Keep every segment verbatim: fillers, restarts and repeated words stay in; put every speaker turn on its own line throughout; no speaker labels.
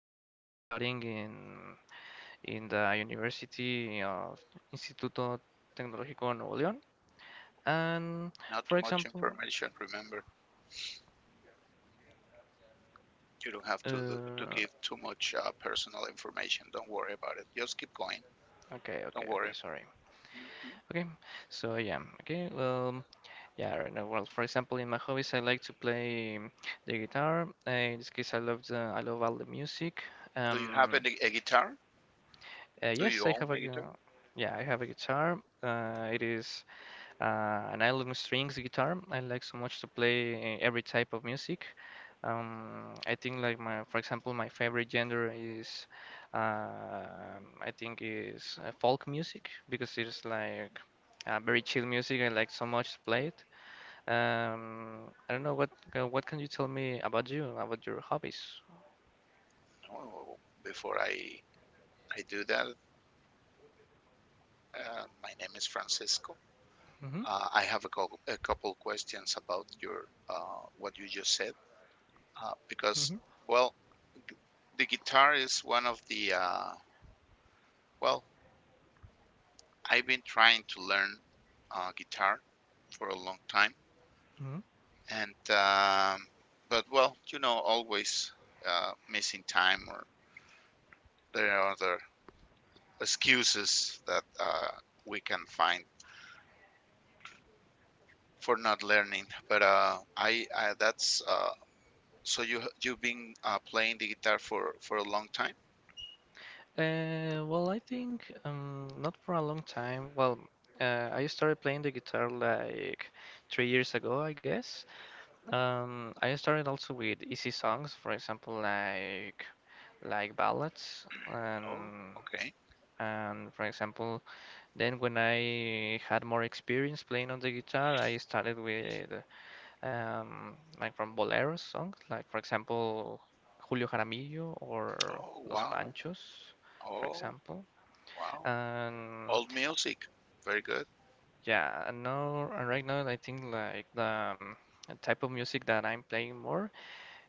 right now I'm studying in in the University of Instituto Tecnológico Nuevo León. And
Not too
for
much
example,
information. Remember, you don't have to do, to
uh,
give too much uh, personal information. Don't worry about it. Just keep going.
okay, okay,
Don't
okay,
worry.
sorry.
hmm
Okay, so yeah, okay, well, yeah, right now, well, for example, in my hobbies, I like to play um, the guitar. Uh, in this case, I love the, I love all the music.
Do you have
Um,
any, a guitar?
uh,
Do
yes,
you
I have
own
a,
a
gu-
guitar?
yeah, I have a guitar. Uh, it is uh, And I love strings guitar. I like so much to play uh, every type of music. Um, I think like my, for example, my favorite genre is, uh, I think is uh, folk music because it's like uh, very chill music. I like so much to play it. Um, I don't know what uh, what can you tell me about you, about your hobbies?
Oh, before I I do that, uh, my name is Francisco.
Mm-hmm,
Uh, I have a, co- a couple questions about your uh, what you just said uh, because
mm-hmm,
well, the guitar is one of the uh, well, I've been trying to learn uh, guitar for a long time
mm-hmm.
and um, but well, you know, always uh, missing time or there are other excuses that uh, we can find for not learning. But uh, I, I that's uh, so you you've been uh, playing the guitar for for a long time.
Uh, well, I think um, not for a long time. Well, uh, I started playing the guitar like three years ago, I guess. Um, I started also with easy songs, for example, like like ballads,
Oh,
and
okay.
and for example, then when I had more experience playing on the guitar, I started with um, like from boleros songs, like for example, Julio Jaramillo or
Oh,
Los
wow.
Panchos, for
Oh,
example.
wow.
And
Old music. Very good.
yeah, and now and right now I think like the um, type of music that I'm playing more,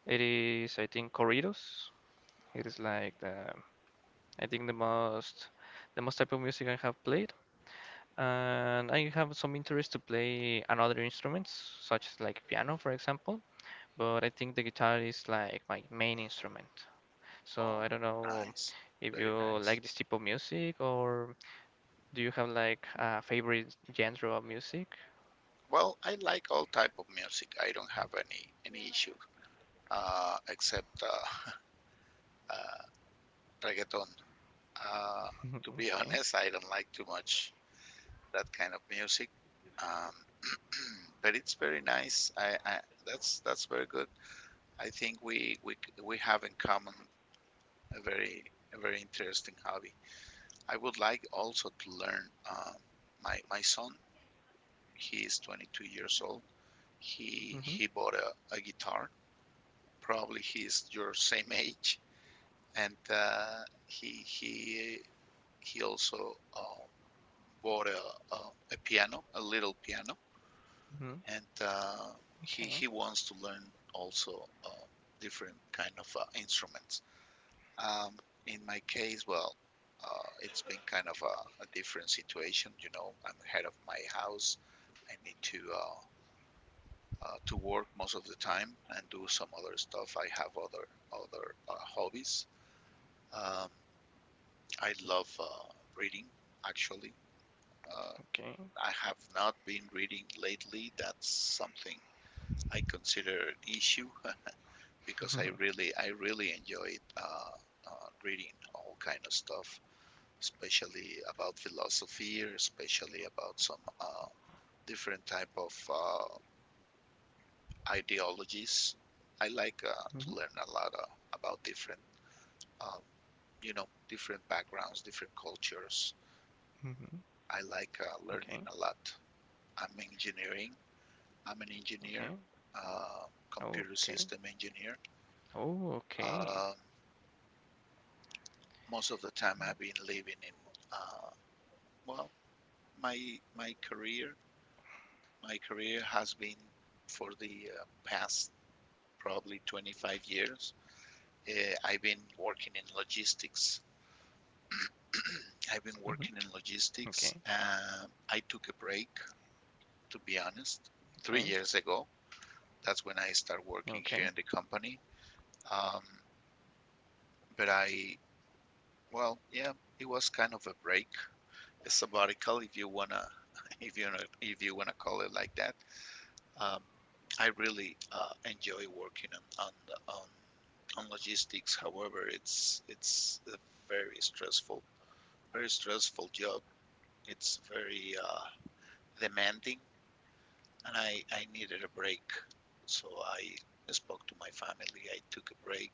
it is I think corridos. It is like the I think the most the most type of music I have played. And I have some interest to play another instruments, such as like piano, for example. But I think the guitar is like my main instrument. So I
Oh,
don't know
nice.
if you
Very
like
nice.
this type of music, or do you have like a favorite genre of music?
Well, I like all type of music. I don't have any any issue uh, except uh, uh, reggaeton. Uh,
Mhm,
to be
okay.
honest, I don't like too much that kind of music, um, but it's very nice. I, I that's that's very good. I think we we we have in common a very a very interesting hobby. I would like also to learn. Um, my my son, he is twenty-two years old. He
Mhm,
he bought a, a guitar. Probably he is your same age, and uh, he he he also. Uh, bought a, a, a piano, a little piano,
mhm,
and uh, he
okay.
he wants to learn also uh, different kind of uh, instruments. Um, in my case, well, uh, it's been kind of a, a different situation. You know, I'm head of my house. I need to uh, uh, to work most of the time and do some other stuff. I have other other uh, hobbies. Um, I love uh, reading, actually. Uh,
Okay.
I have not been reading lately. That's something I consider an issue because I really I really enjoyed uh, uh, reading all kind of stuff, especially about philosophy, or especially about some uh, different type of uh, ideologies. I like uh, to
Mhm,
learn a lot uh, about different um, you know different backgrounds, different cultures.
mhm,
I like uh, learning
okay.
a lot. I'm engineering. I'm an engineer,
Okay.
uh,
Oh,
computer
okay.
system engineer.
Oh, okay.
Um, Most of the time I've been living in. Uh, well, my my career my career has been for the uh, past probably twenty-five years. Uh, I've been working in logistics. I've
Mhm,
been working in
okay.
logistics. Um, I took a break, to be honest,
Okay.
three years ago. That's when I started working
Okay.
here in the company. Um, but I, well, yeah, it was kind of a break, a sabbatical, if you wanna, if you wanna, if you wanna call it like that. Um, I really uh, enjoy working on, on on on logistics. However, it's it's a very stressful, very stressful job. It's very uh, demanding, and I I needed a break. So I spoke to my family. I took a break,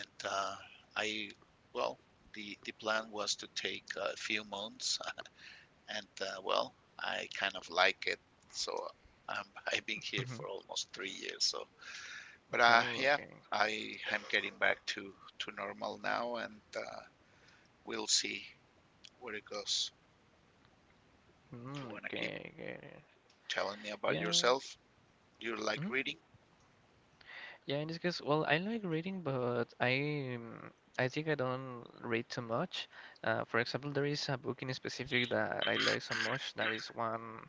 and uh, I well, the the plan was to take a few months, and uh, well, I kind of like it. So I'm I've been here for
Mhm.
almost three years. So but uh,
Oh,
yeah,
okay.
I am getting back to to normal now, and uh, we'll see where it goes. You
Mm,
wanna keep
okay, I get it.
telling me about
Yeah.
yourself? You like
Mhm.
reading?
Yeah, in this case, well, I like reading, but I um, I think I don't read too much. Uh, for example, there is a book in specific that I like so much. There is one.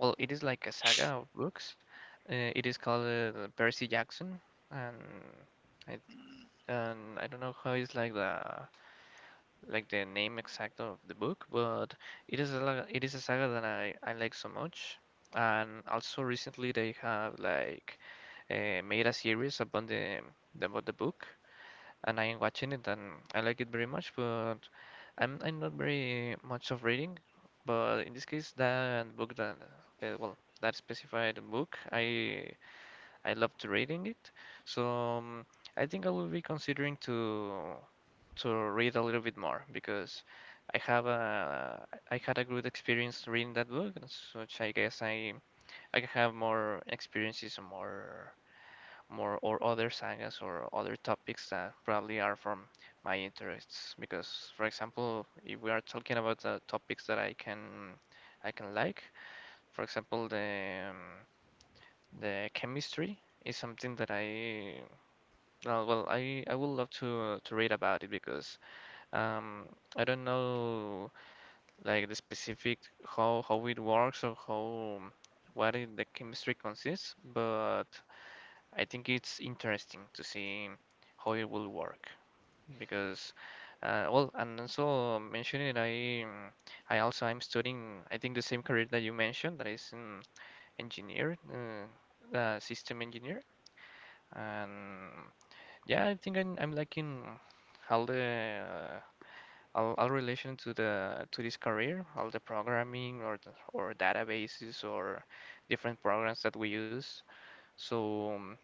Well, it is like a saga of books. Uh, it is called uh, Percy Jackson, and I
Mm,
and I don't know how is like the like the name exact of the book, but it is a la- it is a saga that I I like so much. And also recently they have like uh, made a series about the the- about the book, and I'm watching it and I like it very much, but I'm I'm not very much of reading. But in this case, that book that uh, well that specified book, I I loved reading it. So um, I think I will be considering to to read a little bit more because I have a I had a good experience reading that book, and such I guess I I can have more experiences and more more or other sagas or other topics that probably are from my interests. Because, for example, if we are talking about the topics that I can I can like, for example, the um, the chemistry is something that I uh, well I I would love to uh, to read about it because um I don't know like the specific how how it works or how what it, the chemistry consists, but I think it's interesting to see how it will work because, uh, well, and also mentioning it, I um, I also I'm studying I think the same career that you mentioned that is um, engineer, uh, uh, system engineer, and yeah, I think I'm, I'm liking all the uh, all, all relation to the to this career, all the programming or the- or databases or different programs that we use. So um,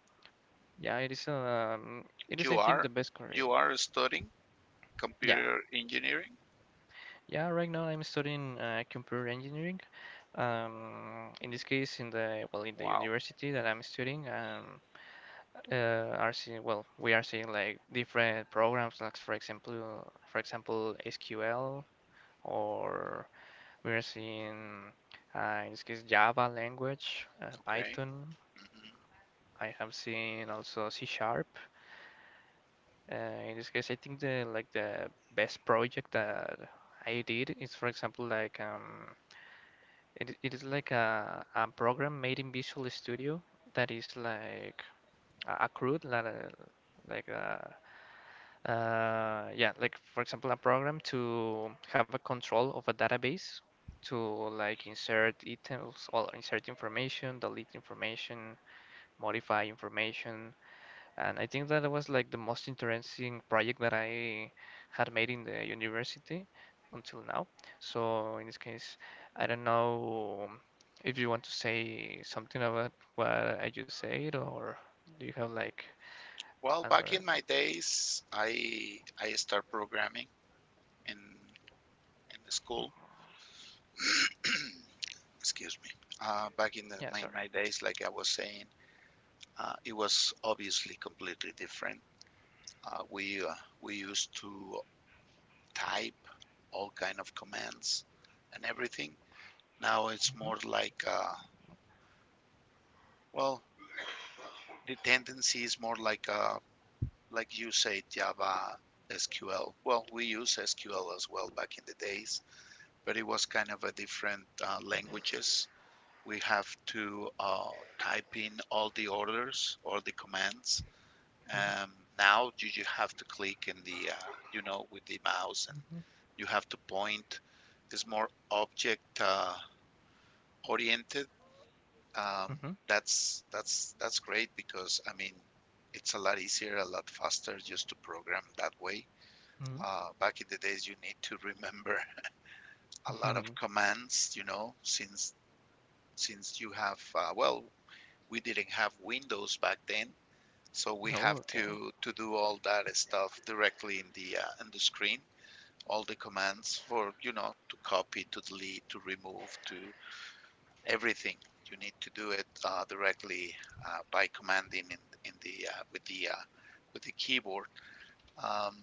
yeah, it is um it is
You
I think the
are
best career.
you are studying
Yeah.
computer engineering?
Yeah, right now I'm studying uh, computer engineering. Um in
Mm.
this case, in the well in the
Wow.
university that I'm studying, um uh, are seeing well we are seeing like different programs like for example for example S Q L, or we are
Mm.
seeing uh, in this case Java language, uh,
Okay.
Python.
hmm
I have seen also C sharp. Uh, in this case, I think the like the best project that I did is, for example, like um, it, it is like a, a program made in Visual Studio that is like a a CRUD, like a, like a, uh, yeah, like for example, a program to have a control of a database to like insert items or insert information, delete information, modify information, and I think that was like the most interesting project that I had made in the university until now. So in this case, I don't know if you want to say something about what I just said, or do you have like
Well, back
another?
in my days, I I start programming in in the school. Excuse me. Uh, back in the,
Yeah,
my,
sorry.
my days, like I was saying, uh, it was obviously completely different. Uh, we uh, we used to type all kind of commands and everything. Now it's
Mhm,
more like uh, well, the tendency is more like uh, like you say Java S Q L. Well, we use S Q L as well back in the days, but it was kind of a different uh, languages. We have to uh, type in all the orders or the commands.
mhm,
Um, Now you, you have to click in the uh, you know with the mouse and
mhm,
you have to point is more object uh, oriented. Um,
mhm,
that's that's that's great because I mean it's a lot easier, a lot faster just to program that way.
mhm,
Uh, back in the days, you need to remember a lot of
mhm.
commands, you know, since since you have uh, well, we didn't have Windows back then, so we have
Oh, okay.
to to do all that stuff directly in the uh, in the screen all the commands for you know to copy to delete to remove to everything. You need to do it uh, directly uh, by commanding in, in the uh, with the uh, with the keyboard. Um,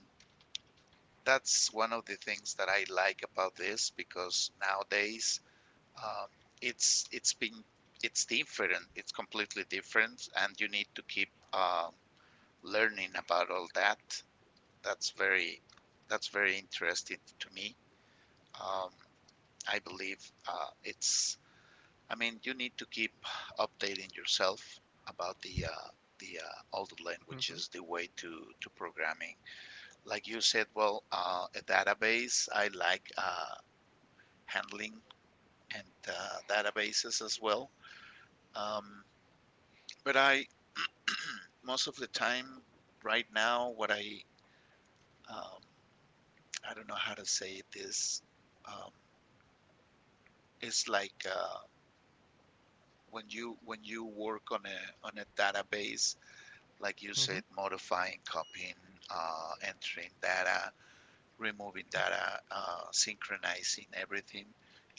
that's one of the things that I like about this because nowadays um, it's it's been it's different. It's completely different, and you need to keep um learning about all that. That's very that's very interesting to me. Um, I believe uh, it's I mean, you need to keep updating yourself about the uh, the uh, all the
Mhm,
languages, the way to to programming. Like you said, well, uh, a database. I like uh, handling and uh, databases as well. Um, but I most of the time right now, what I um, I don't know how to say this. Um, it's like uh, when you when you work on a on a database, like you
mhm,
said, modifying, copying, uh, entering data, removing data, uh, synchronizing everything.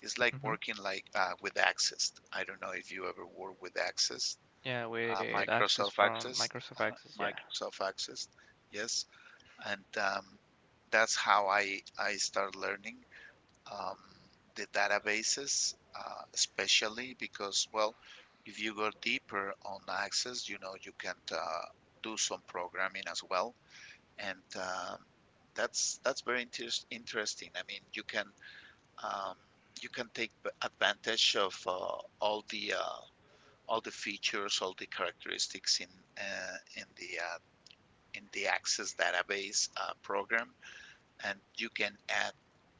It's like
mhm.
working like uh, with Access. I don't know if you ever work with Access,
Yeah,
uh,
with Access
Microsoft
from
Access,
Microsoft
uh
Access. Yeah.
Microsoft Access, yes. And um, that's how I I start learning um, the databases, uh, especially because, well, if you go deeper on Access, you know, you can uh, do some programming as well, and um, that's that's very interest, interesting. I mean, you can um, you can take advantage of uh, all the uh, all the features, all the characteristics in uh, in the uh, in the Access database uh, program, and you can add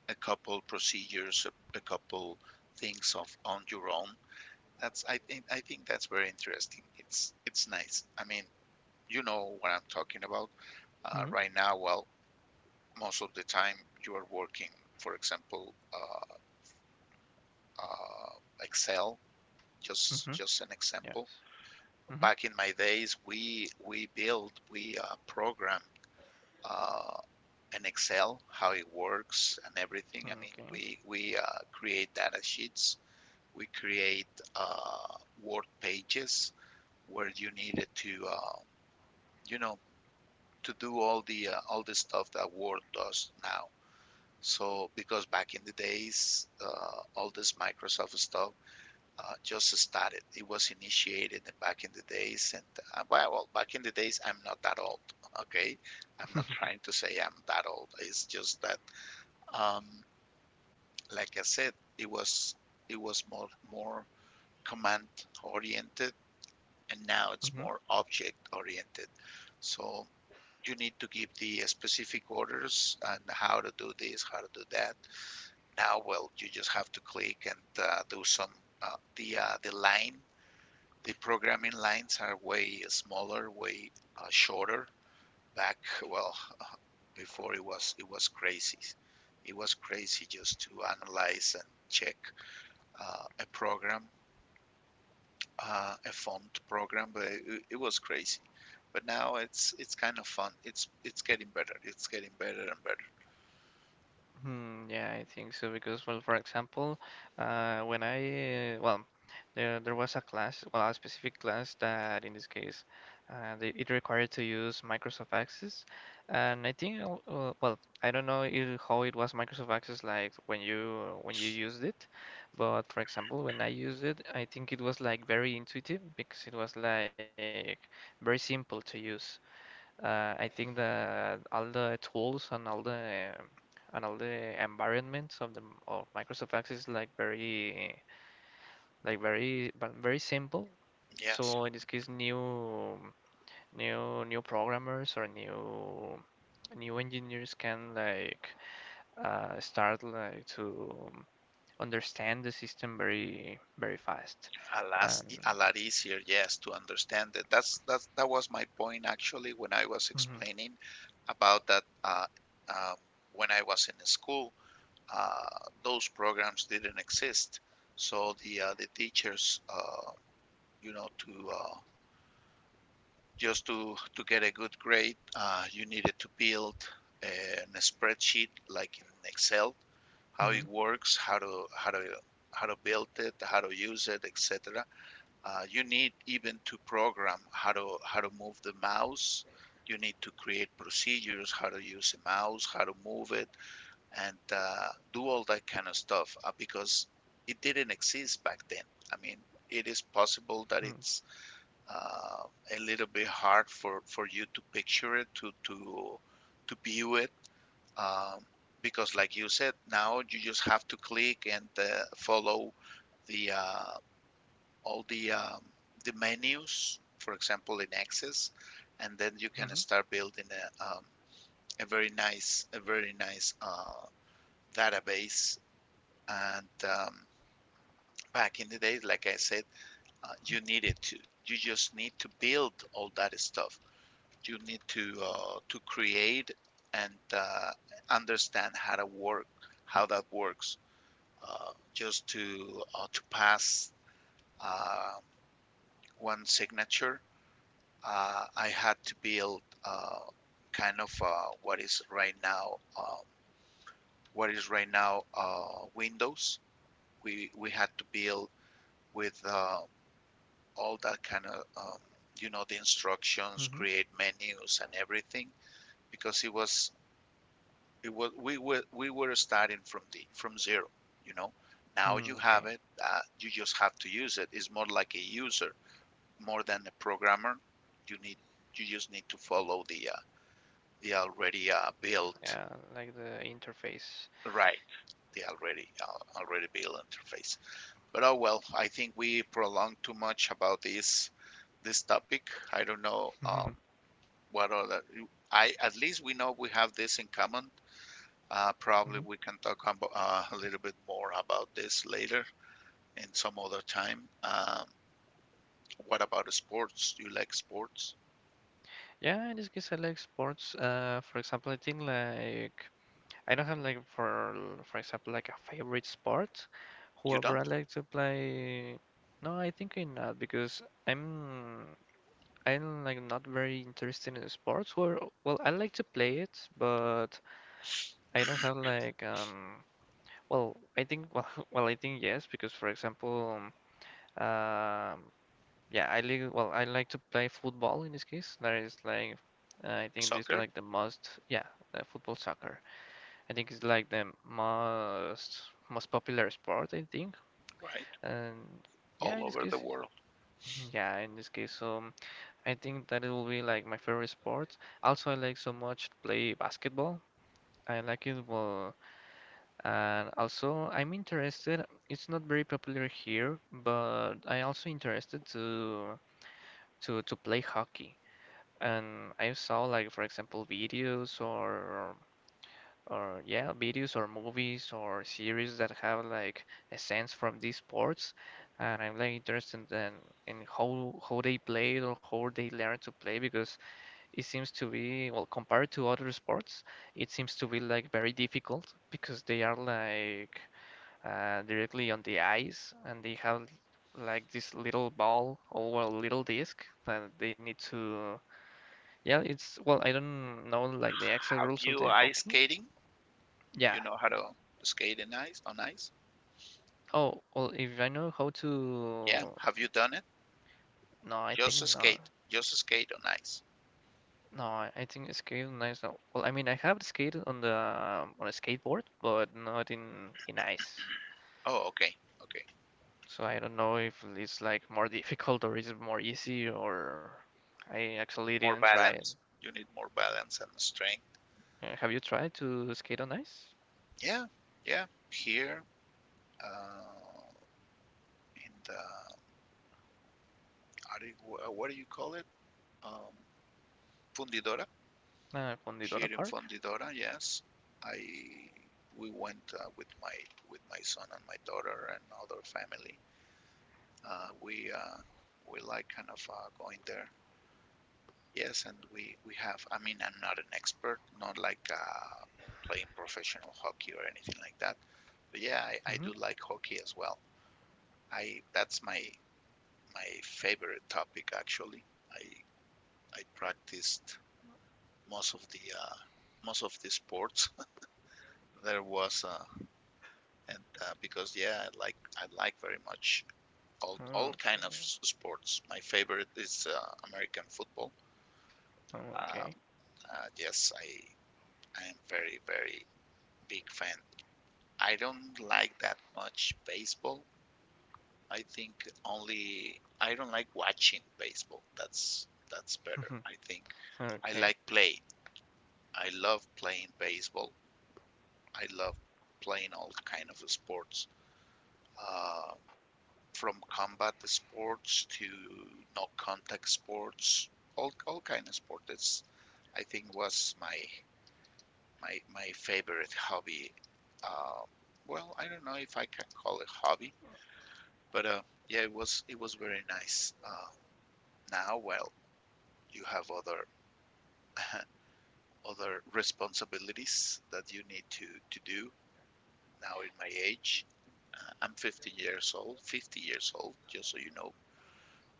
a couple procedures, a, a couple things of on your own. That's I think I think that's very interesting. It's it's nice. I mean, you know what I'm talking about. Uh,
Mhm,
right now, well, most of the time you are working, for example, uh, uh, Excel. Just
mhm.
just an example.
Yes. Mhm.
Back in my days, we we built we uh, programmed uh, an Excel, how it works and everything. I mean,
Okay.
we we uh, create data sheets we create uh, Word pages where you needed to, uh, you know, to do all the uh, all the stuff that Word does now. So because back in the days, uh, all this Microsoft stuff uh, just started. It was initiated back in the days, and uh, well, well, back in the days, I'm not that old. Okay, I'm not trying to say I'm that old. It's just that, um, like I said, it was it was more more command oriented and now it's more object oriented. So you need to give the specific orders and how to do this, how to do that. Now, well, you just have to click and uh, do some uh, the uh, the line. The programming lines are way smaller, way uh, shorter. Back, well, uh, before it was it was crazy. It was crazy just to analyze and check uh, a program uh, a font program, but it, it was crazy. But now it's it's kind of fun. It's it's getting better. It's getting better and better.
Hmm, yeah, I think so because, well, for example, uh, when I, uh, well, there, there was a class, well, a specific class that in this case, uh, they, it required to use Microsoft Access. And I think, uh, uh, well, I don't know it, how it was Microsoft Access like when you when you used it, but for example, when I used it, I think it was like very intuitive because it was like very simple to use. Uh, I think that all the tools and all the um, and all the environments of the of Microsoft Access is like very like very but very simple.
Yes,
So in this case, new new new programmers or new new engineers can like uh, start like to understand the system very very fast.
a lot a
And.
lot easier. Yes, to understand it. That's that's that was my point actually when I was
Mhm,
explaining about that. Uh, um, when I was in school, uh, those programs didn't exist, so the uh, the teachers, uh, you know, to uh, just to, to get a good grade, uh, you needed to build an- a spreadsheet like in Excel, how it
mhm,
works, how to how to how to build it, how to use it, et cetera. Uh, you need even to program how to how to move the mouse. You need to create procedures, how to use a mouse, how to move it, and uh, do all that kind of stuff uh, because it didn't exist back then. I mean, it is possible that
mhm,
it's uh, a little bit hard for, for you to picture it, to, to, to view it, um, because like you said, now you just have to click and uh, follow the uh, all the um, the menus, for example, in Access, and then you can
mhm,
start building a, um, a very nice a very nice uh, database. And um, back in the day, like I said, uh, you needed to you just need to build all that stuff you need to uh, to create and uh, understand how to work, how that works, uh, just to uh, to pass uh, one signature. Uh, I had to build uh, kind of uh, what is right now um, what is right now uh, Windows. We we had to build with uh, all that kind of um, you know, the
mhm,
instructions,
mhm,
create menus and everything because it was it was we were we were starting from the from zero. You know, now
mhm,
you have
okay.
it. Uh, you just have to use it. It's more like a user more than a programmer. You need you just need to follow the uh, the already uh, built
Yeah, like the interface.
right, the already uh, already built interface. But oh well, I think we prolonged too much about this this topic. I don't know, um, what other. I At least we know we have this in common. Uh, probably
Mhm.
we can talk about, uh, a little bit more about this later in some other time. Um, what about sports? You like sports?
Yeah, in this case, I like sports. Uh, for example, I think like I don't have like for for example like a favorite sport.
You
However, I
don't?
like to play. No, I think I'm not because I'm I'm like not very interested in sports. Well, well, I like to play it, but I don't have like um. Well, I think well, well, I think yes because for example. Um, Yeah, I like well, I like to play football in this case. That is like uh, I think it's
Soccer,
like the most yeah, uh, football soccer. I think it's like the most most popular sport, I think.
right?
And yeah,
All
in this
over the
case it-
world.
mhm, yeah, in this case, um I think that it will be like my favorite sport. Also, I like so much to play basketball. I like it well, and also I'm interested. It's not very popular here, but I also interested to to to play hockey. And I saw like for example videos or or yeah, videos or movies or series that have like a sense from these sports, and I'm like interested in in how how they play it or how they learn to play because it seems to be well compared to other sports, it seems to be like very difficult because they are like uh, directly on the ice and they have like this little ball or well, little disc that they need to. Yeah, it's well, I don't know like the exact
Have
rules of
you
the
ice
hockey.
skating?
Yeah.
You know how to skate in ice, on ice?
Oh, well, if I know how
Yeah.
to,
Have you done it?
no, I think
Just
no,
skate. Just skate on ice.
no, I I think skating ice. No. Well, I mean, I have skated on the um, on a skateboard, but not in in ice.
Oh, okay. Okay.
So I don't know if it's like more difficult or is it more easy, or I actually
More
didn't try it.
balance. You need more balance and strength.
Uh, have you tried to skate on ice?
Yeah. Yeah. Here, uh, in the, what do you call it? Um, Fundidora,
Uh,
here
Fundidora
in
Park?
Fundidora, yes. I We went uh, with my with my son and my daughter and other family. Uh, we uh, we like kind of uh, going there. Yes, and we we have. I mean, I'm not an expert, not like uh, playing professional hockey or anything like that. But yeah, I, I
Mm-hmm.
do like hockey as well. I That's my my favorite topic actually. I I practiced most of the uh, most of the sports. there was uh, and uh, because yeah, I like I like very much all all kind of
Okay.
sports. My favorite is uh, American football.
Okay.
Um, uh, yes, I I am very very big fan. I don't like that much baseball. I think only I don't like watching baseball. That's that's better. I think I
Okay.
like play. I love playing baseball. I love playing all kind of sports. Uh, from combat sports to no contact sports, all all kind of sport. That's I think was my my my favorite hobby. Uh, well, I don't know if I can call it hobby, but uh, yeah, it was it was very nice. Uh, now, well, you have other other responsibilities that you need to to do. Now, in my age, uh, I'm fifty years old, fifty years old, just so you know.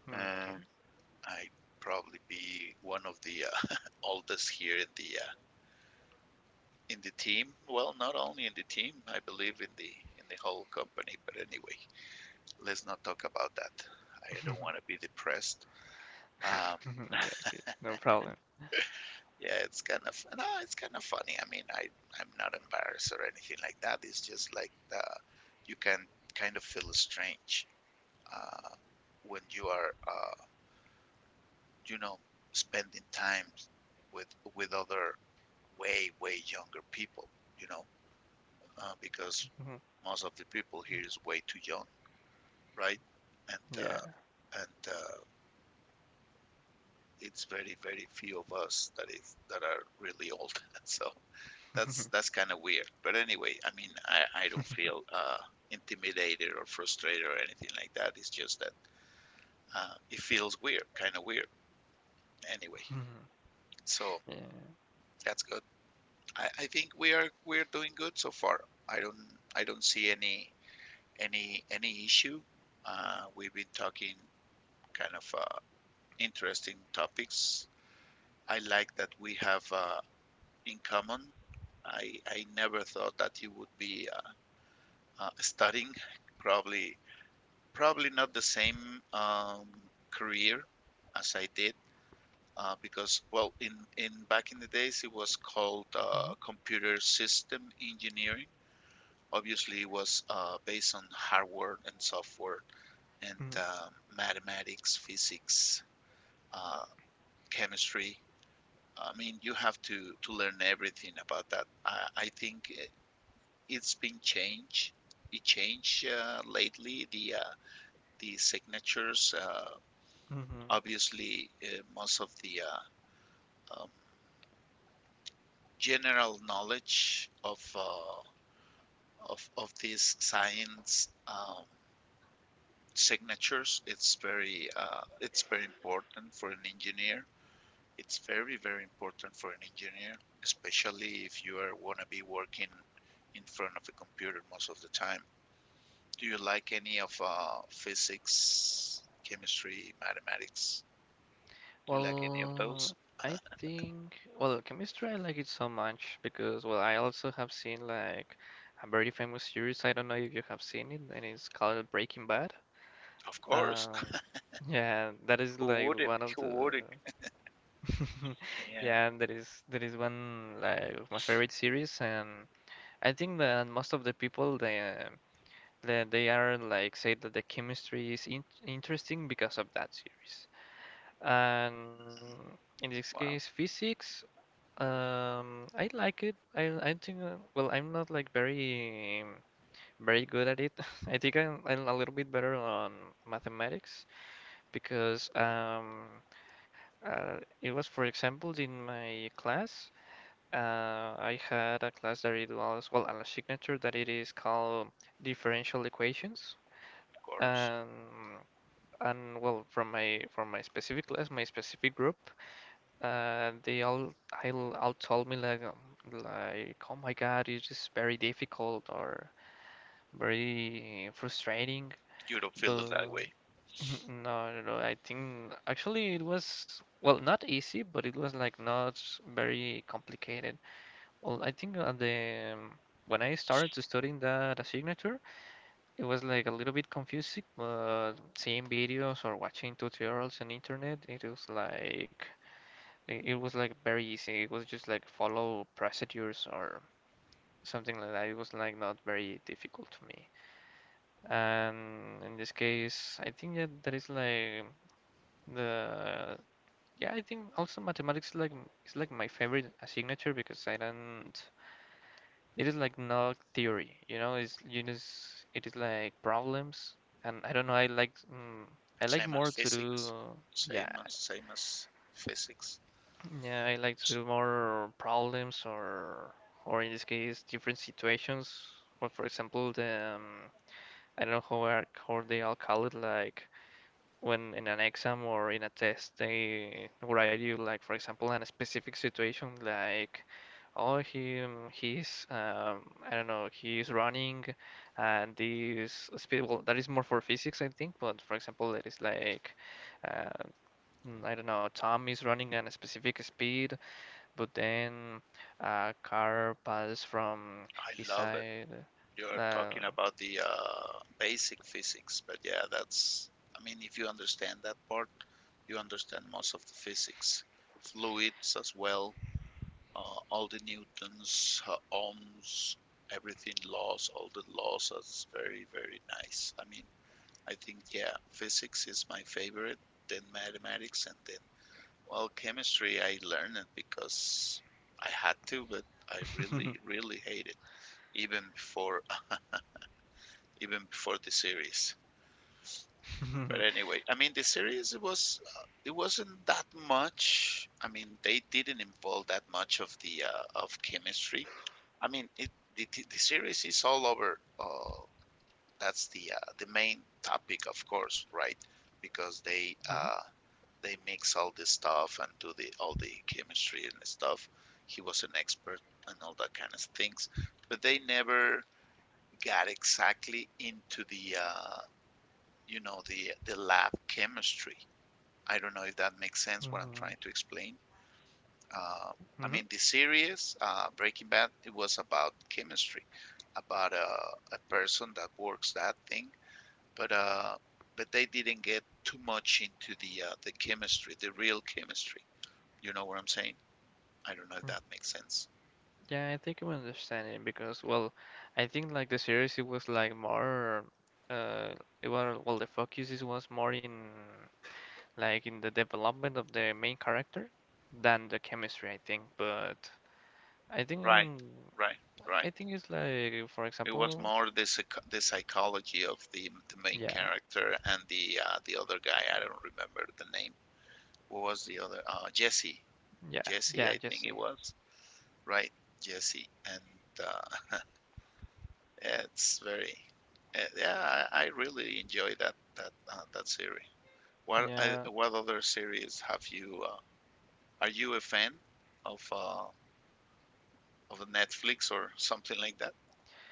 Hmm,
Uh,
okay.
I probably be one of the uh, oldest here in the uh, in the team. Well, not only in the team, I believe in the in the whole company. But anyway, let's not talk about that. I don't want to be depressed. Um,
Yeah, okay. No problem.
yeah, it's kind of no, it's kind of funny. I mean, I I'm not embarrassed or anything like that. It's just like the, You can kind of feel strange uh, when you are uh, you know, spending time with with other way, way younger people, you know, uh, because
Mhm.
most of the people here is way too young, right? And
Yeah.
uh, and uh, it's very, very few of us that is that are really old. so that's that's kind of weird. But anyway, I mean, I, I don't feel uh, intimidated or frustrated or anything like that. It's just that uh, it feels weird, kind of weird. Anyway, so
Yeah.
that's good. I, I think we are we're doing good so far. I don't I don't see any any any issue. Uh, we've been talking kind of uh, interesting topics. I like that we have uh, in common. I, I never thought that you would be uh, uh, studying. Probably probably not the same, um, career as I did, uh, because well in in back in the days it was called uh,
Mhm,
computer system engineering. Obviously, it was uh, based on hardware and software and
mhm,
uh, mathematics, physics, uh, chemistry. I mean, you have to, to learn everything about that. I, I think it- has been changed. It changed uh, lately. The uh, the signatures, uh,
mhm.
obviously, uh, most of the uh, um, general knowledge of uh, of of these science, um, signatures. It's very uh, it's very important for an engineer. It's very, very important for an engineer, especially if you are want to be working in front of a computer most of the time. Do you like any of uh, physics, chemistry, mathematics? Do you like any of
Well,
those?
I think, well, chemistry, I like it so much because, well, I also have seen like a very famous series. I don't know if you have seen it, and it's called Breaking Bad.
Of course.
Um, yeah, that is
Who
like
wouldn't?
one of
Who
the
wouldn't? Yeah,
yeah, and there is there is one like of my favorite series, and I think that most of the people they um, that they are like say that the chemistry is in interesting because of that series. And in this case,
well,
physics, um, I like it. I I think uh, well, I'm not like very very good at it. I think I'm, I'm a little bit better on mathematics because um, uh, it was, for example, in my class. Uh, I had a class that it was, well, a signature that it is called differential equations.
of course.
Um, and, well, from my from my specific class, my specific group, uh they all, i all all told me like, um, like, oh my god, it's just very difficult or very frustrating,
You don't feel
but
it that way.
no no no I think actually it was, well, not easy, but it was like not very complicated. Well, I think at the, when I started to studying that signature, it was like a little bit confusing, but seeing videos or watching tutorials on internet, it was like, it it was like very easy. It was just like follow procedures or something like that. It was like not very difficult to me. And in this case, I think that that is like the, yeah, I think also mathematics like is like my favorite signature because I don't, it is like not theory, you know. It's, you just, it is like problems, and I don't know. I like mm, I like
Same as
more to
physics.
do. yeah
Same as same as physics.
yeah. I like to do more problems, or or in this case, different situations. Or for example, the um, I don't know how are, how they all call it, like when in an exam or in a test, they write you like, for example, in a specific situation like, oh he um, he's um, I don't know, he's running and this speed, well, that is more for physics, I think, but for example it is like uh, mm, I don't know, Tom is running at a specific speed, but then a car passes from
I
his
love,
side.
you're
uh,
talking about the uh, basic physics, but yeah, that's, I mean, if you understand that part, you understand most of the physics, fluids as well, uh, all the Newton's, uh, Ohm's, everything laws, all the laws. That's very, very nice. I mean, I think, yeah, physics is my favorite, then mathematics, and then, well, chemistry, I learned it because I had to, but I really, really hate it, even before even before the series. But anyway, I mean the series, it was uh, it wasn't that much. I mean they didn't involve that much of the uh, of chemistry. I mean it the, the series is all over. Uh, that's the uh, the main topic, of course, right? Because they
Mhm,
uh, they mix all this stuff and do the all the chemistry and stuff. He was an expert and all that kind of things, but they never got exactly into the uh, you know, the, the lab chemistry. I don't know if that makes sense what I'm
mhm,
trying to explain. Uh, I mean, the series, uh, Breaking Bad, it was about chemistry, about uh, a person that works that thing. But uh, but they didn't get too much into the uh, the chemistry, the real chemistry. You know what I'm saying? I don't know if
mhm.
that makes sense.
Yeah, I think I'm understanding because, well, I think like the series it was like more, uh it was, well, the focus is, was more in like in the development of the main character than the chemistry, I think. But I think,
Right, right, right.
I think it's like, for
It was
example,
more the the psychology of the the main
yeah,
character and the uh, the other guy. I don't remember the name. What was the other? Uh, Jesse.
yeah,
Jesse,
yeah,
I think
Jesse.
it was. Right, Jesse. And uh, it's very, uh, yeah, I, I really enjoy that that uh, that series. What I,
Yeah.
what other series have you? Uh, are you a fan of uh, of Netflix or something like that?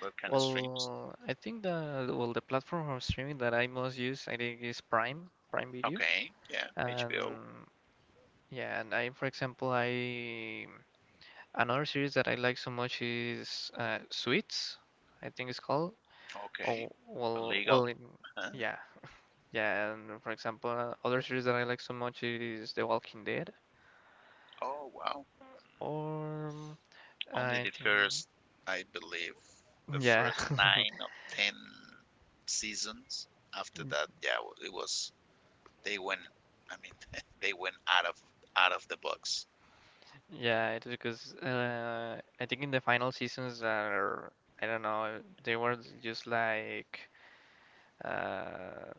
That kind of streams.
Well, I think the, well, the platform of streaming that I most use, I think, is Prime, Prime Video.
Okay, yeah, H B O.
And yeah, and I, for example, I, another series that I like so much is, uh, Suits, I think it's called.
Okay,
Oh, well, well,
legal.
in,
Huh?
yeah, yeah. And for example, uh, other series that I like so much is The Walking Dead,
Oh wow. Mm-hmm.
or um,
Only
I
the
think,
first, I believe, the
yeah,
first nine of ten seasons. After that, yeah, it was they went. I mean, they went out of out of the box.
yeah. It's because uh, I think in the final seasons are, I don't know, they were just like, uh,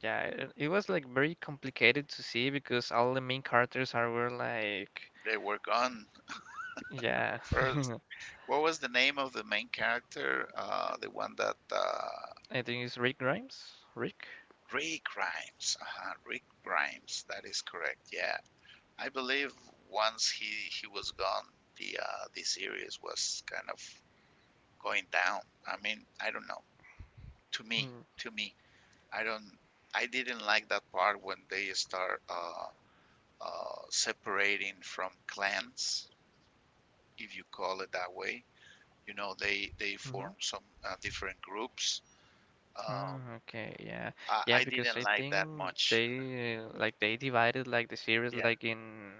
yeah. It, it was like very complicated to see because all the main characters are, were like,
They were gone
yeah.
first. What was the name of the main character? Uh, the one that uh,
I think it's Rick Grimes. Rick?
Rick Grimes. Uh-huh, Rick Grimes. That is correct. Yeah, I believe once he he was gone, the uh, the series was kind of going down. I mean, I don't know. To me, to me i don't I didn't like that part when they start uh, uh, separating from clans, if you call it that way. You know, they they
Mm-hmm.
form some uh, different groups, um,
Ah, okay, yeah.
I,
Yeah,
I
because
didn't
I
like that
think
much.
they, uh, like they divided like the series
Yeah,
like in,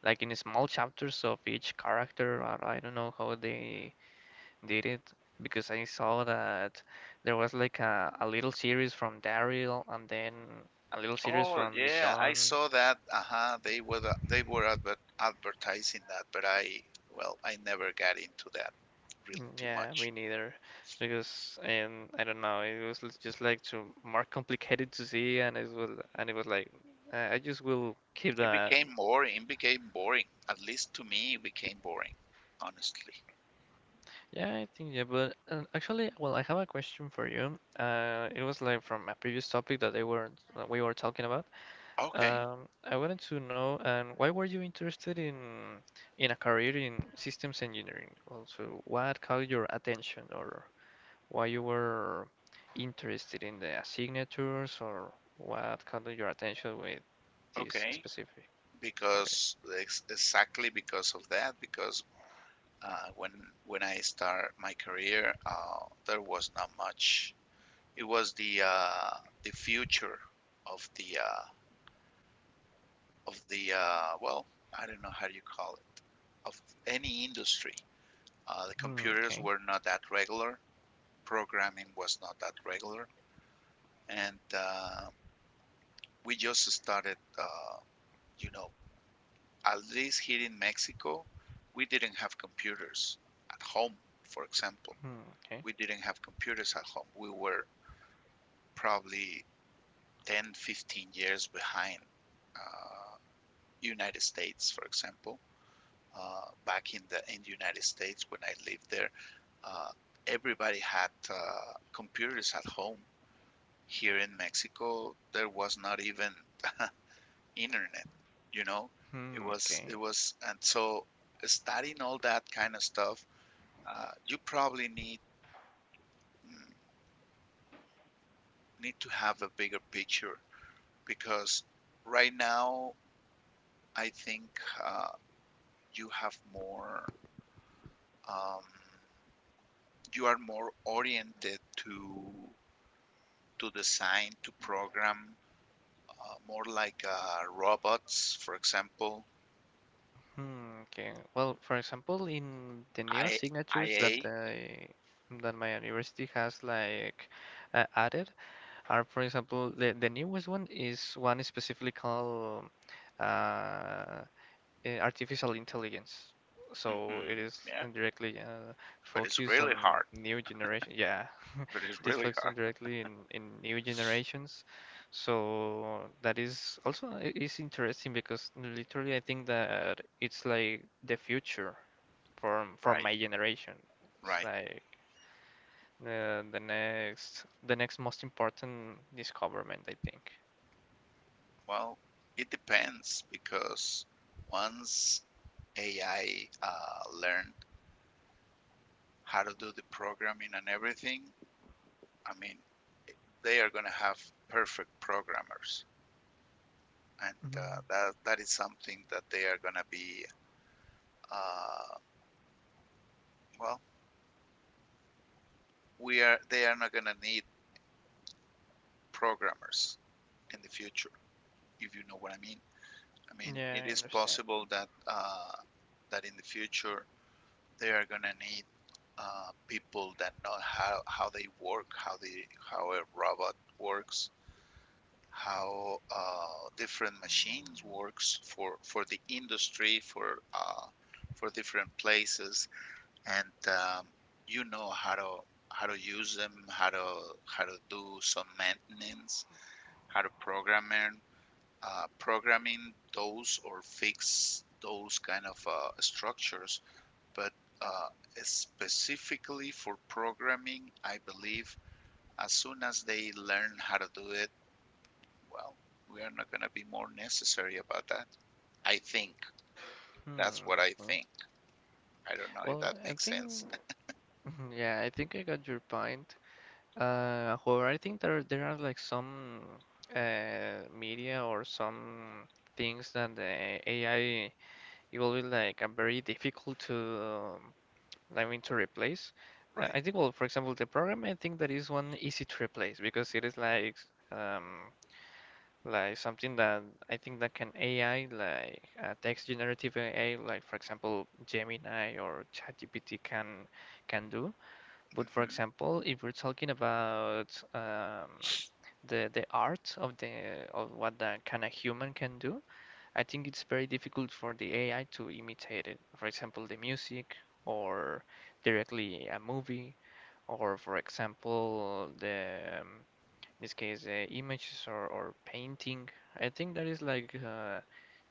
like in small chapters of each character. Or I don't know how they did it, because I saw that there was like a, a little series from Daryl and then a little series
oh
from
yeah, I
Michonne.
saw that. Uh-huh, they were they were adver- advertising that, but I well, I never got into that really
Mm,
too
yeah,
much.
me neither. Because, and I don't know, it was l- just like too more complicated to see, and it was, and it was like, uh, I just will keep
It
that.
became more, it became boring. At least to me, it became boring, honestly.
Yeah, I think, yeah, but uh, actually, well, I have a question for you. Uh, it was like from a previous topic that they were, that we were talking about.
Okay,
Um, I wanted to know, um, why were you interested in in a career in systems engineering? Also, what caught your attention or why you were interested in the signatures, or what caught your attention with this
okay.
specific career?
Because ex- exactly because of that, because uh, when when I start my career, uh, there was not much. It was the uh, the future of the uh, of the uh, well, I don't know how you call it, of any industry. Uh, the
Hmm,
computers
okay.
were not that regular. Programming was not that regular, and uh, we just started, uh, you know, at least here in Mexico, we didn't have computers at home, for example.
Hmm, okay.
We didn't have computers at home. We were probably ten, fifteen years behind uh, United States, for example. Uh, back in the in the United States when I lived there, uh, everybody had uh, computers at home. Here in Mexico, there was not even internet, you know. it
Hmm,
was it
okay.
was and So studying all that kind of stuff, uh, you probably need, mm, need to have a bigger picture because right now, I think, uh, you have more, um, you are more oriented to to design, to program, uh, more like uh, robots, for example.
Hmm, okay. Well, for example, in the new signatures
I I A.
that
Ia
the, that my university has like uh, added are, for example, the the newest one is one specifically called uh, uh, artificial intelligence. So it
Hmm,
is
yeah,
indirectly uh,
but it's
focused
really
on
hard,
new generation. Yeah,
but it's
it is
really
focused on
hard
directly in, in new generations. So that is also I- is interesting because literally I think that it's like the future from from
right.
my generation. It's
Right.
like the the next, the next most important discoverment, I think.
Well, it depends because once A I uh, learn how to do the programming and everything, I mean, they are going to have perfect programmers, and uh,
Hmm.
that that is something that they are going to be. Uh, well, we are. They are not going to need programmers in the future, if you know what I mean. I mean, it
Yeah, I
is
understand.
possible that uh, that in the future they are going to need uh, people that know how, how they work, how they how a robot works, how uh, different machines works for for the industry for uh, for different places, and um, you know how to how to use them, how to how to do some maintenance, how to program them, uh, programming those or fix those kind of uh, structures but uh, specifically for programming, I believe as soon as they learn how to do it, well, we are not going to be more necessary about that. I think. That's what
Hmm,
I
okay.
think. I don't know if
Well,
that
I
makes sense.
think, mhm, yeah, I think I got your point. Uh, however, I think there, there are like some uh, media or some things that the A I it will be like a very difficult to, um, I mean to replace. Uh,
Right.
I think, well, for example, the program, I think that is one easy to replace because it is like um, like something that I think that can A I like, uh, text generative A I like, for example, Gemini or ChatGPT can can do. But for
Hmm.
example, if we're talking about um, the the art of the, of what the kind of human can do, I think it's very difficult for the A I to imitate it. For example, the music or directly a movie, or for example the um, this case, uh, images or, or painting. I think that is like uh,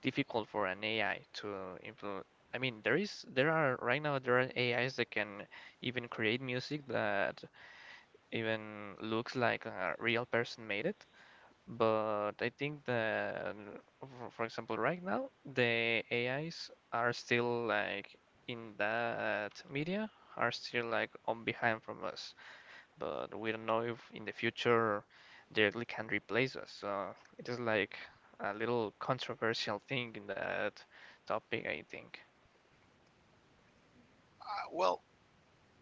difficult for an A I to implement. I mean, there is, there are right now, there are A Is that can even create music that even looks like a real person made it. But I think that, for, for example, right now the A Is are still like in that media, are still like on behind from us, but we don't know if in the future directly can replace us. So it is like a little controversial thing in that topic, I think.
Uh, well,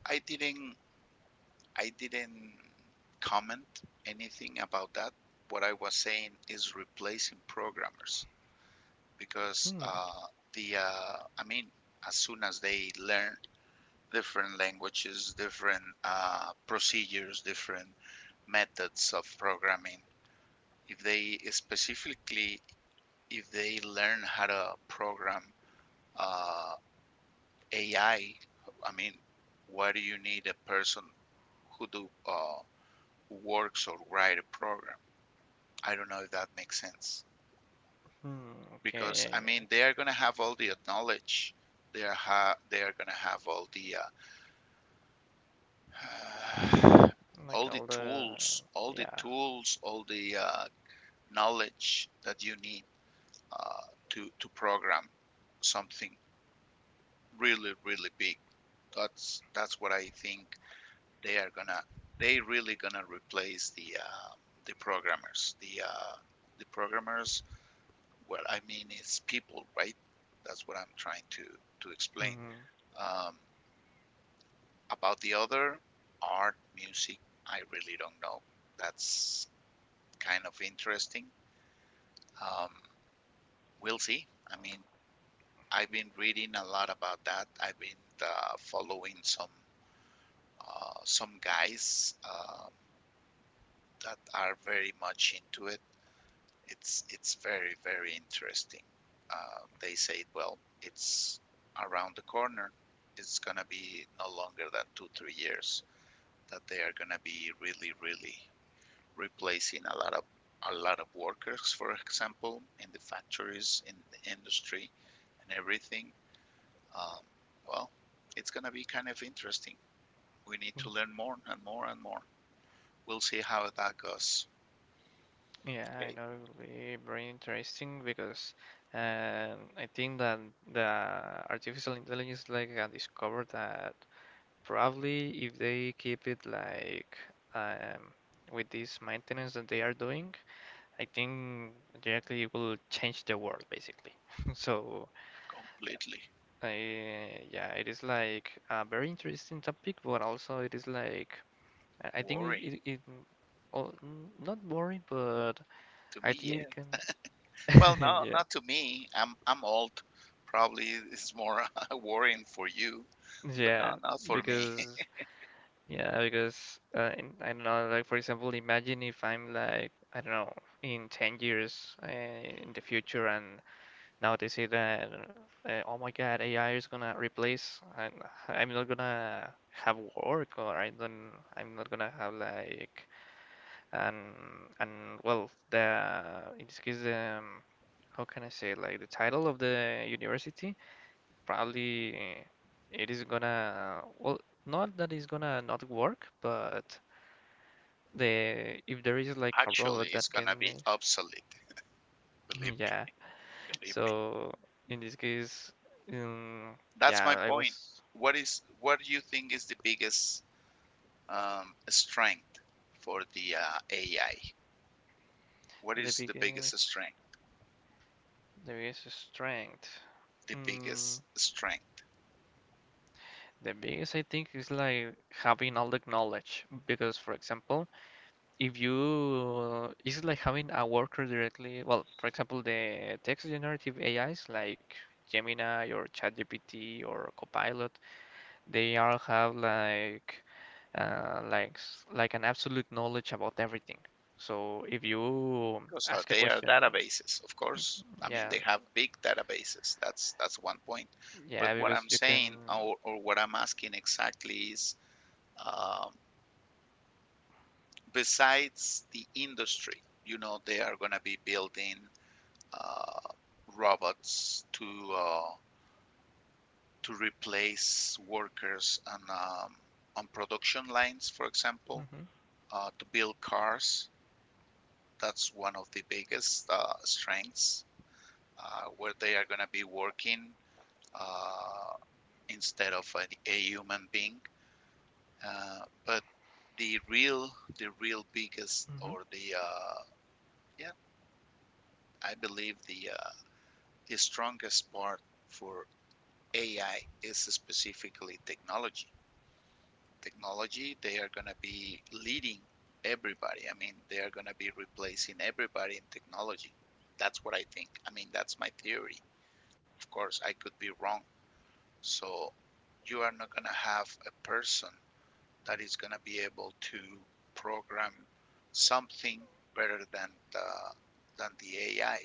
I didn't. I didn't comment anything about that. What I was saying is replacing programmers because
Hmm.
uh, the. Uh, I mean, as soon as they learn different languages, different uh, procedures, different methods of programming. If they specifically, if they learn how to program uh, A I, I I mean, why do you need a person who do uh, who works or write a program? I don't know if that makes sense
Hmm. Okay.
because
Yeah,
I
I
mean
get
they are gonna have all the knowledge, they are ha- they are gonna have all the uh,
it. Like
all the
all the.
tools, all the
Yeah.
tools, all the uh, knowledge that you need uh, to to program something really, really big. That's that's what I think they are gonna. They really gonna replace the uh, the programmers. The uh, the programmers. Well, I mean, it's people, right? That's what I'm trying to to explain.
Hmm.
Um, about the other art, music, I really don't know. That's kind of interesting. Um, we'll see. I mean, I've been reading a lot about that. I've been uh, following some uh, some guys uh, that are very much into it. It's it's very very interesting. Uh, they say, well, it's around the corner. It's gonna be no longer than two three years that they are gonna be really really replacing a lot of a lot of workers, for example, in the factories, in the industry, and everything. Um, well, it's gonna be kind of interesting. We need to
Hmm.
learn more and more and more. We'll see how that goes.
Yeah, I
Okay.
know it will be very interesting because um, I think that the artificial intelligence like uh, discovered that probably if they keep it like um, with this maintenance that they are doing, I think directly will change the world basically. So,
Completely.
I, yeah, it is like a very interesting topic, but also it is like, I I think it,
Worry
it, it oh, n- not boring, but
to
I
me,
think
yeah.
it can.
Well, no,
Yeah.
not to me. I'm I'm old. Probably it's more worrying for you, but
Yeah,
no, not for me.
because yeah, because uh, in, I don't know, like for example, imagine if I'm like, I don't know, in ten years uh, in the future, and now they say that, uh, oh my God, A I is gonna replace, and I'm not gonna have work, or I don't, I'm not gonna have like, and and well, the in this case, um, how can I say, like the title of the university, probably it is gonna, well, not that it's gonna not work, but the, if there is like a
Actually,
robot
it's
that
gonna
can
be
make,
obsolete. Believe me.
yeah.
Believe me.
So in this case, um,
That's
yeah,
my
I
point.
was.
What is what do you think is the biggest um, strength for the uh, A I? What
The
is the biggest
biggest,
strength?
the biggest strength.
The
Mm,
biggest strength,
the biggest, I think, is like having all the knowledge. Because, for example, if you, it's like having a worker directly. Well, for example, the text generative A Is like Gemini or ChatGPT or Copilot, they all have like, uh, like, s- like an absolute knowledge about everything. So if you
because uh,
ask a
they are
question,
databases, of course. I mean,
yeah,
they have big databases. That's that's one point.
yeah,
But what
because
I'm
you can.
saying or, or what I'm asking exactly is, um, besides the industry, you know, they are going to be building uh, robots to uh, to replace workers on, um, on production lines, for example, uh, to build cars. That's one of the biggest uh, strengths uh, where they are going to be working uh, instead of a, a human being. Uh, but the real, the real biggest,
Mhm.
or the uh, yeah, I believe the uh, the strongest part for A I is specifically technology. Technology, they are going to be leading everybody. I mean, they are going to be replacing everybody in technology. That's what I think. I mean, that's my theory. Of course, I could be wrong. So you are not going to have a person that is going to be able to program something better than the, than the A I. I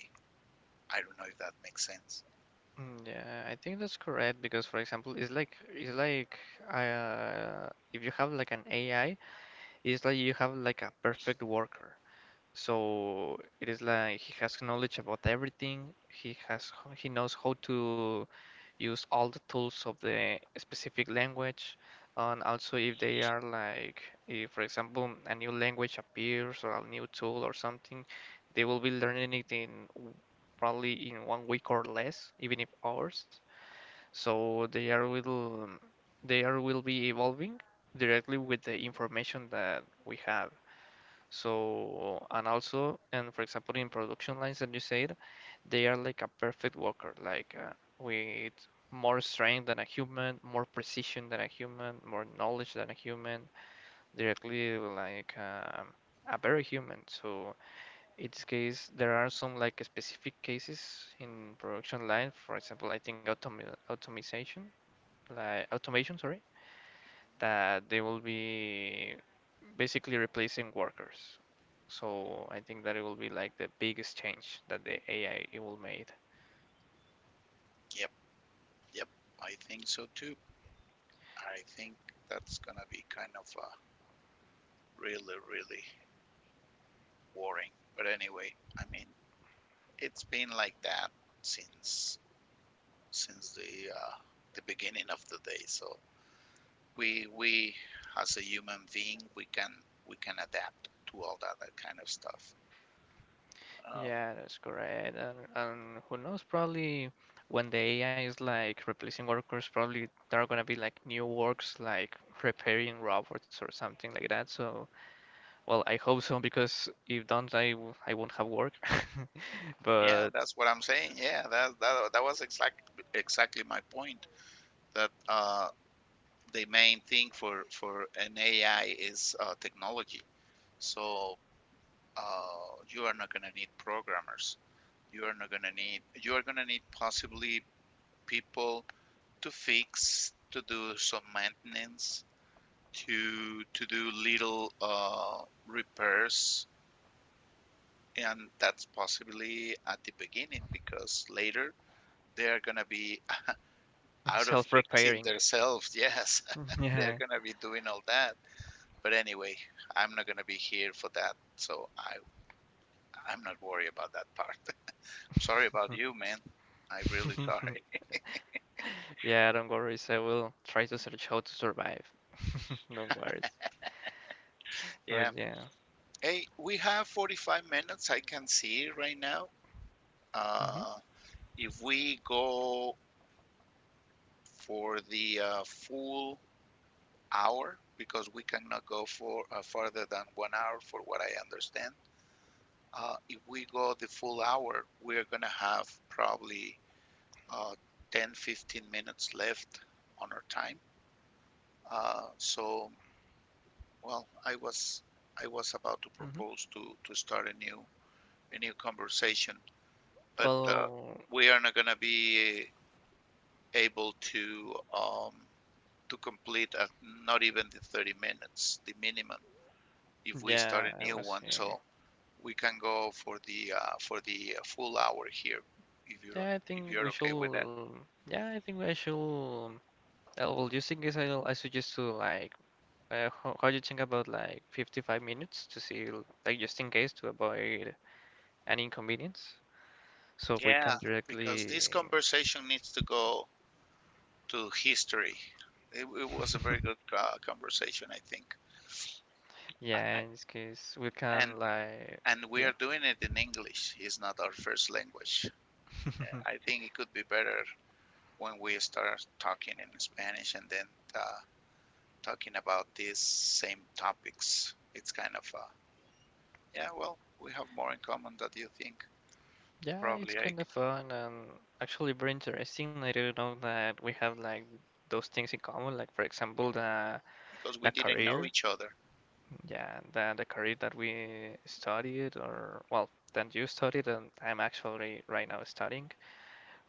I don't know if that makes sense.
Mm, yeah, I think that's correct because, for example, it's like, it's like uh, if you have like an A I, it's like you have like a perfect worker. So it is like he has knowledge about everything. He has h- he knows how to use all the tools of the specific language, and also if they are like, if for example a new language appears or a new tool or something, they will be learning it in probably in one week or less, even if hours. So they are will, they are will be evolving directly with the information that we have. So, and also, and for example, in production lines that you said, they are like a perfect worker, like uh, with more strength than a human, more precision than a human, more knowledge than a human, directly like um, a very human. So, in this case, there are some like specific cases in production line. For example, I think automi, automation, like automation, sorry, that they will be basically replacing workers. So I think that it will be like the biggest change that the A I it will made.
Yep, yep, I think so too. I think that's going to be kind of a really, really boring. But anyway, I mean, it's been like that since since the uh, the beginning of the day. So we we as a human being, we can we can adapt to all that that kind of stuff. Um,
Yeah, that's correct. And and who knows, probably when the A I is like replacing workers, probably there are gonna be like new works like repairing robots or something like that. So, well, I hope so, because if don't, I w- I won't have work.
yeah,
But
that's what I'm saying. Yeah, that that, that was exact, exactly my point. That uh, the main thing for for an A I is uh, technology. So uh, you are not gonna need programmers. You are not gonna need you are gonna need possibly people to fix, to do some maintenance, to to do little uh, repairs, and that's possibly at the beginning because later they are gonna be out of fixing
self-repairing,
themselves. Yes. They're
yeah.
gonna be doing all that, but anyway, I'm not gonna be here for that. So i i'm not worried about that part. Sorry about you, man. I really sorry.
Yeah, don't worry. I will try to search how to survive. Don't worry.
Yeah.
But yeah.
Hey, we have forty-five minutes, I can see right now.
Hmm.
Uh, if we go for the uh, full hour, because we cannot go for uh, farther than one hour, for what I understand. Uh, if we go the full hour, we're gonna have probably uh, ten, fifteen minutes left on our time. Uh, so, well, I was I was about to
Hmm.
propose to to start a new a new conversation but uh,
Well,
we are not going to be able to um, to complete at not even the thirty minutes, the minimum, if we start
yeah,
a
I
new
was
one.
saying.
So we can go for the uh, for the full hour here, if you don't,
Yeah, I
if
think
you're
we
okay with that.
should. Yeah, I think I should. Uh, well, you think is, I I suggest to like uh, how, how you think about like fifty-five minutes to see, like just in case to avoid an inconvenience. So we
Yeah,
can
because this
directly.
conversation needs to go to history. It, it was a very good uh, conversation, I think.
Yeah,
I,
in this case we
and
can like
and we
yeah.
are doing it in English. It's not our first language. I think it could be better when we start talking in Spanish and then uh, talking about these same topics, it's kind of, uh, yeah, well, we have more in common than you think.
Yeah, it's
Probably I,
kind of fun and actually very interesting. I didn't know that we have like those things in common, like for example the
because
the
we didn't know
career.
each other.
Yeah, the the career that we studied or well, that you studied and I'm actually right now studying,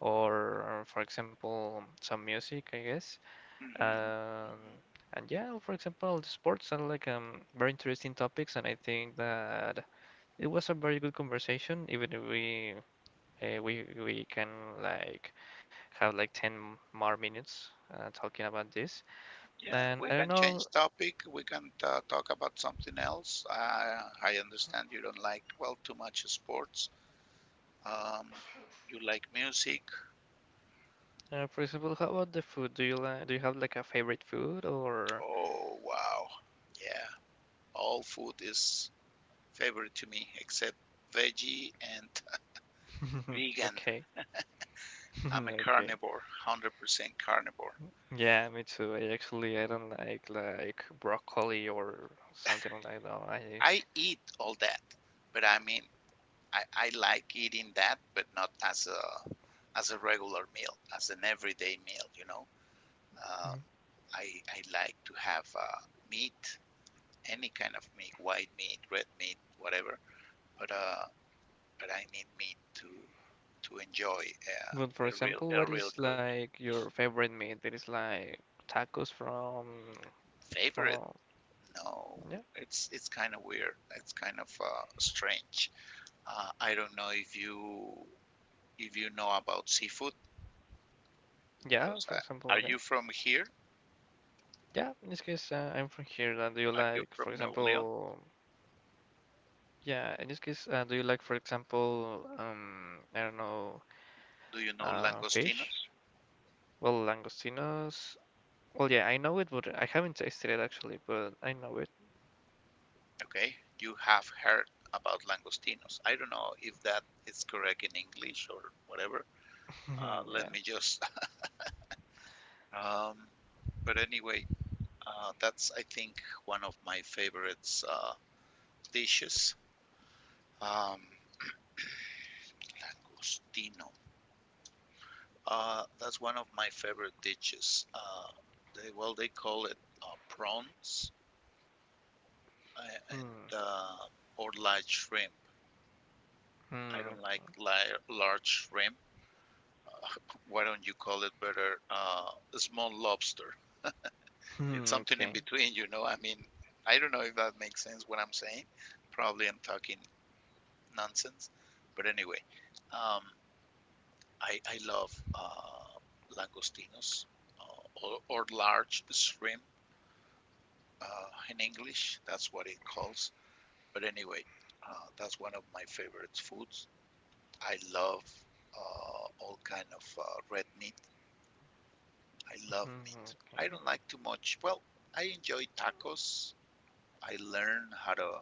or for example some music, I guess.
Hmm.
Um, and yeah, for example, the sports are like um very interesting topics, and I think that it was a very good conversation, even if we uh, we we can like have like ten more minutes uh, talking about this.
Yeah, we
And I
can
don't
change
know,
topic. We can uh, talk about something else. I, I understand you don't like, well, too much sports. Um, you like music.
uh, for example, how about the food? Do you like do you have like a favorite food or
Oh, wow. Yeah, all food is favorite to me, except veggie and vegan.
okay.
I'm a
Okay.
carnivore, one hundred percent carnivore.
Yeah, me too. I actually I don't like like broccoli or something like that. No, I
I eat all that, but I mean, I, I like eating that, but not as a as a regular meal, as an everyday meal. You know, um,
Mm,
I I like to have uh, meat, any kind of meat, white meat, red meat, whatever. But uh, but I need meat to to enjoy
but for
uh, a real
example,
a
what
real
is
good
like your favorite meat? That is like tacos from
favorite.
from
No,
yeah.
it's it's kind of weird. It's kind of uh, strange. Uh, I don't know if you if you know about seafood
Yeah,
because
for
I,
example,
are
yeah.
you from here?
Yeah, in this case, uh, I'm from here. Uh, do you
Are you
like,
from
for
Nuevo León?
example, yeah, in this case, uh, do you like, for example, um, I don't know,
Do you know
uh, fish?
langostinos?
Well, langostinos. Well, yeah, I know it, but I haven't tasted it actually, but I know it.
Okay, you have heard about langostinos. I don't know if that is correct in English or whatever. Uh, let
Yeah.
me just. Um, but anyway, uh, that's I think one of my favorites uh, dishes. Um, langostino. Uh, that's one of my favorite dishes. Uh, they well, they call it uh, prawns uh,
Hmm.
and uh, or large shrimp. I
Hmm.
don't
Okay.
like large shrimp. Why don't you call it better uh, small lobster? It's
Hmm.
something in
Okay.
between, you know. I mean, I don't know if that makes sense what I'm saying. Probably I'm talking nonsense, but anyway, um, I I love uh, langostinos uh, or, or large shrimp uh, in English. That's what it calls. But anyway, uh, that's one of my favorite foods. I love uh, all kind of uh, red meat. I love
Hmm.
meat. I
Okay.
don't like too much. Well, I enjoy tacos. I learned how to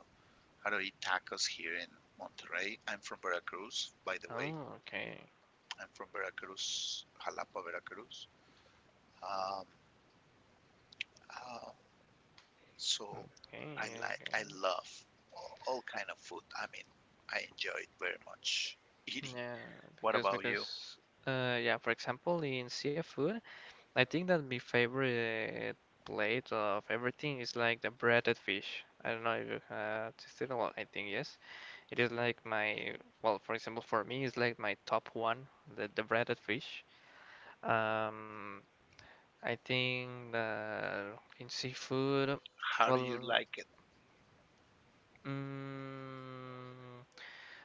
how to eat tacos here in Monterrey. I'm from Veracruz, by the way.
Oh, okay.
I'm from Veracruz, Jalapa, Veracruz. Um, uh, So I
Okay.
like, I
Okay.
love all, all kind of food. I mean, I enjoy it very much. Eating
Yeah, because
about
because uh, yeah, for example, in seafood. I think that my favorite plate of everything is like the breaded fish. I don't know if you have tasted it. Well, I think yes. It is like my, well, for example, for me, it's like my top one, the, the breaded fish. Um, I think that in seafood,
how do you
well,
like it?
mm,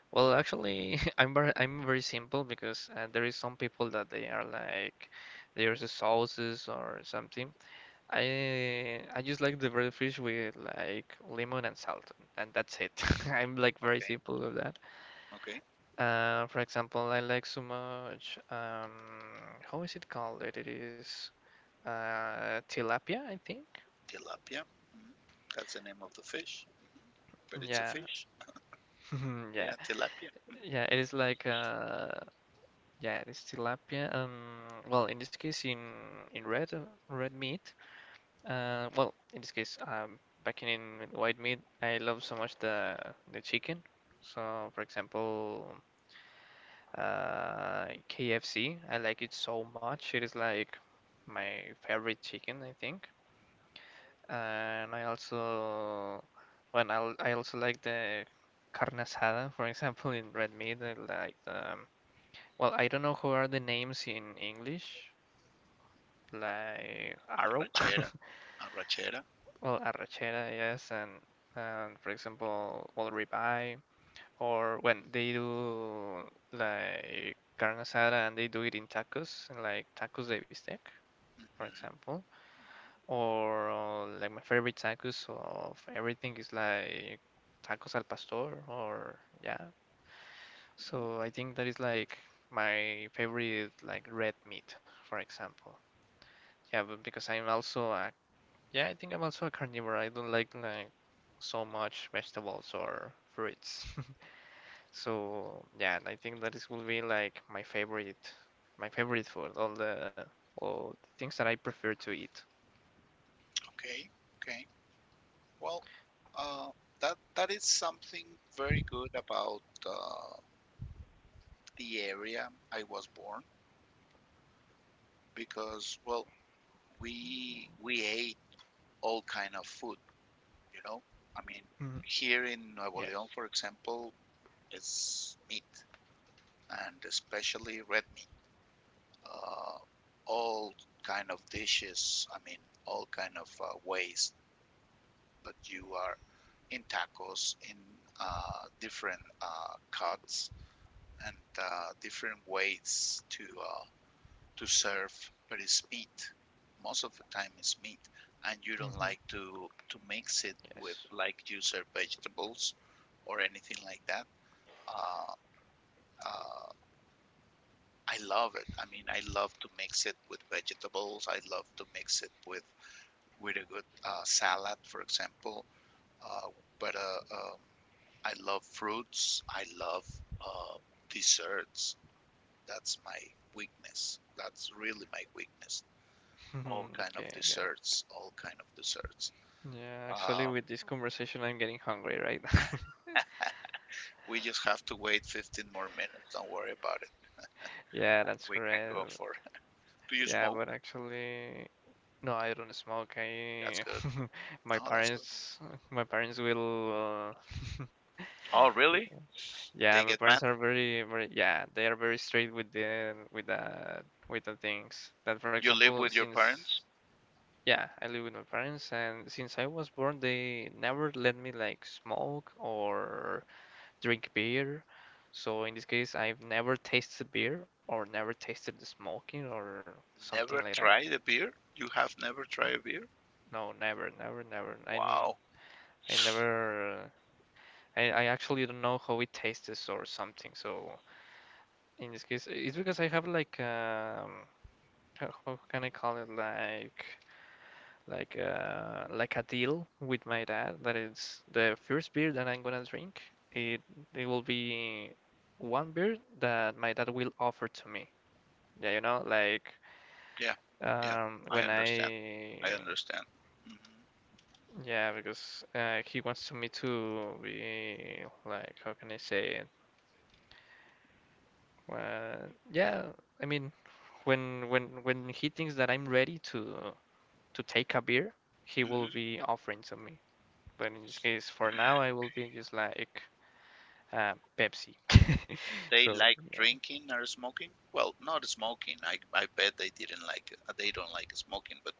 well, actually, I'm very, I'm very simple because uh, there is some people that they are like, there's the sauces or something. I I just like the bread fish with like lemon and salt, and that's it. I'm like very
Okay,
simple with that.
okay.
Uh, for example, I like so much. Um, how is it called? It is uh, tilapia, I think.
Tilapia. Mhm. That's the name of the fish, but it's a
Yeah,
fish.
yeah,
Yeah, tilapia.
yeah. It is like uh, yeah, it is tilapia. Um, well, in this case, in in red uh, red meat. Uh, well, in this case, um, packing in with white meat, I love so much the the chicken. So, for example, uh, K F C, I like it so much. It is like my favorite chicken, I think. And I also, when I I also like the carne asada, for example, in red meat. I like um, well, I don't know who are the names in English, like arrow.
Arrachera. Arrachera.
Well, arrachera, yes, and and for example, well, ribeye, or when they do like carne asada and they do it in tacos, like tacos de bistec, for
Hmm.
example, or uh, like my favorite tacos of everything is like tacos al pastor, or yeah. So I think that is like my favorite like red meat, for example. Yeah, but because I'm also a Yeah, I think I'm also a carnivore. I don't like like so much vegetables or fruits. So yeah, I think that is will be like my favorite, my favorite food. All the all the things that I prefer to eat.
Okay, okay. Well, uh, that that is something very good about uh, the area I was born because, well, we we ate all kind of food, you know. I mean,
Mm,
here in Nuevo
yes.
León, for example, it's meat and especially red meat. Uh, all kind of dishes. I mean, all kind of uh, ways that you are in tacos, in uh, different uh, cuts and uh, different ways to uh, to serve, but it's meat. Most of the time it's meat, and you don't
Hmm.
like to to mix it with
Yes.
like you serve vegetables or anything like that. Uh, uh, I love it. I mean, I love to mix it with vegetables. I love to mix it with with a good uh, salad, for example. Uh, but uh, um, I love fruits. I love uh, desserts. That's my weakness. That's really my weakness. All kind of
Okay, good.
desserts, all kind of desserts.
Yeah, actually,
Um,
with this conversation, I'm getting hungry, right?
we just have to wait fifteen more minutes. Don't worry about it,
Yeah,
and
that's
we can
correct.
go for. Do you
Yeah,
smoke?
but actually, no, I don't smoke.
That's
I
good.
my
No, that's good.
parents my parents will uh,
Oh, really?
yeah,
They
my
get
parents
mad.
are very very yeah, they are very strict with the with the with the things. That for
You live
example,
with your
since
parents.
yeah, I live with my parents, and since I was born they never let me like smoke or drink beer. So in this case, I've never tasted beer or never tasted the smoking or something
Never
like that.
try the beer. You have never tried a beer.
No, never, never, never. I
Wow.
I never, uh, I, I actually don't know how it tastes or something. So in this case, it's because I have like um, how, how can I call it like like uh like a deal with my dad that it's the first beer that I'm gonna drink. It it will be one beer that my dad will offer to me. Yeah, you know, like
Yeah. Yeah.
um when
I understand. I
I
understand. Hmm.
yeah because uh, he wants me to be like how can I say it Uh, yeah, I mean, when when when he thinks that I'm ready to to take a beer, he will
Hmm.
be offering to me. But in this case, for now, I will be just like uh, Pepsi.
They
So
like
yeah,
drinking or smoking. Well, not smoking. I I bet they didn't like it. They don't like smoking. But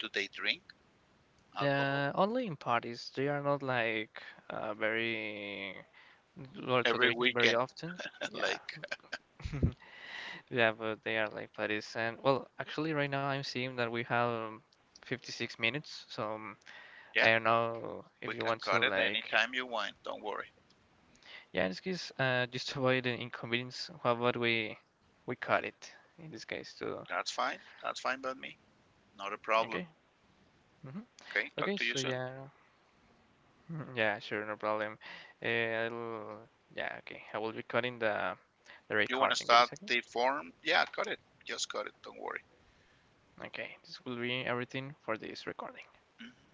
do they drink? Alcohol
uh, only in parties they are not like uh, very or to
every
drink very
weekend.
often. Yeah,
Like,
yeah, but they are like parties. And well, actually, right now I'm seeing that we have um, fifty-six minutes, so. um, I
yeah,
don't know if
we
you
can
want to
cut it
like
anytime you want. Don't worry.
yeah, in this case, uh, just avoid the inconvenience, how about we we cut it in this case too?
That's fine. That's fine by me. Not a problem.
Okay. Hmm.
Okay, talk
Okay.
to you
So
soon.
yeah, mhm, yeah, sure, no problem. Uh, I'll, yeah, okay. I will be cutting the the
You want to
recording. Get a
start
second.
the form? Yeah, cut it. Just cut it. Don't worry.
Okay, this will be everything for this recording.
Hmm?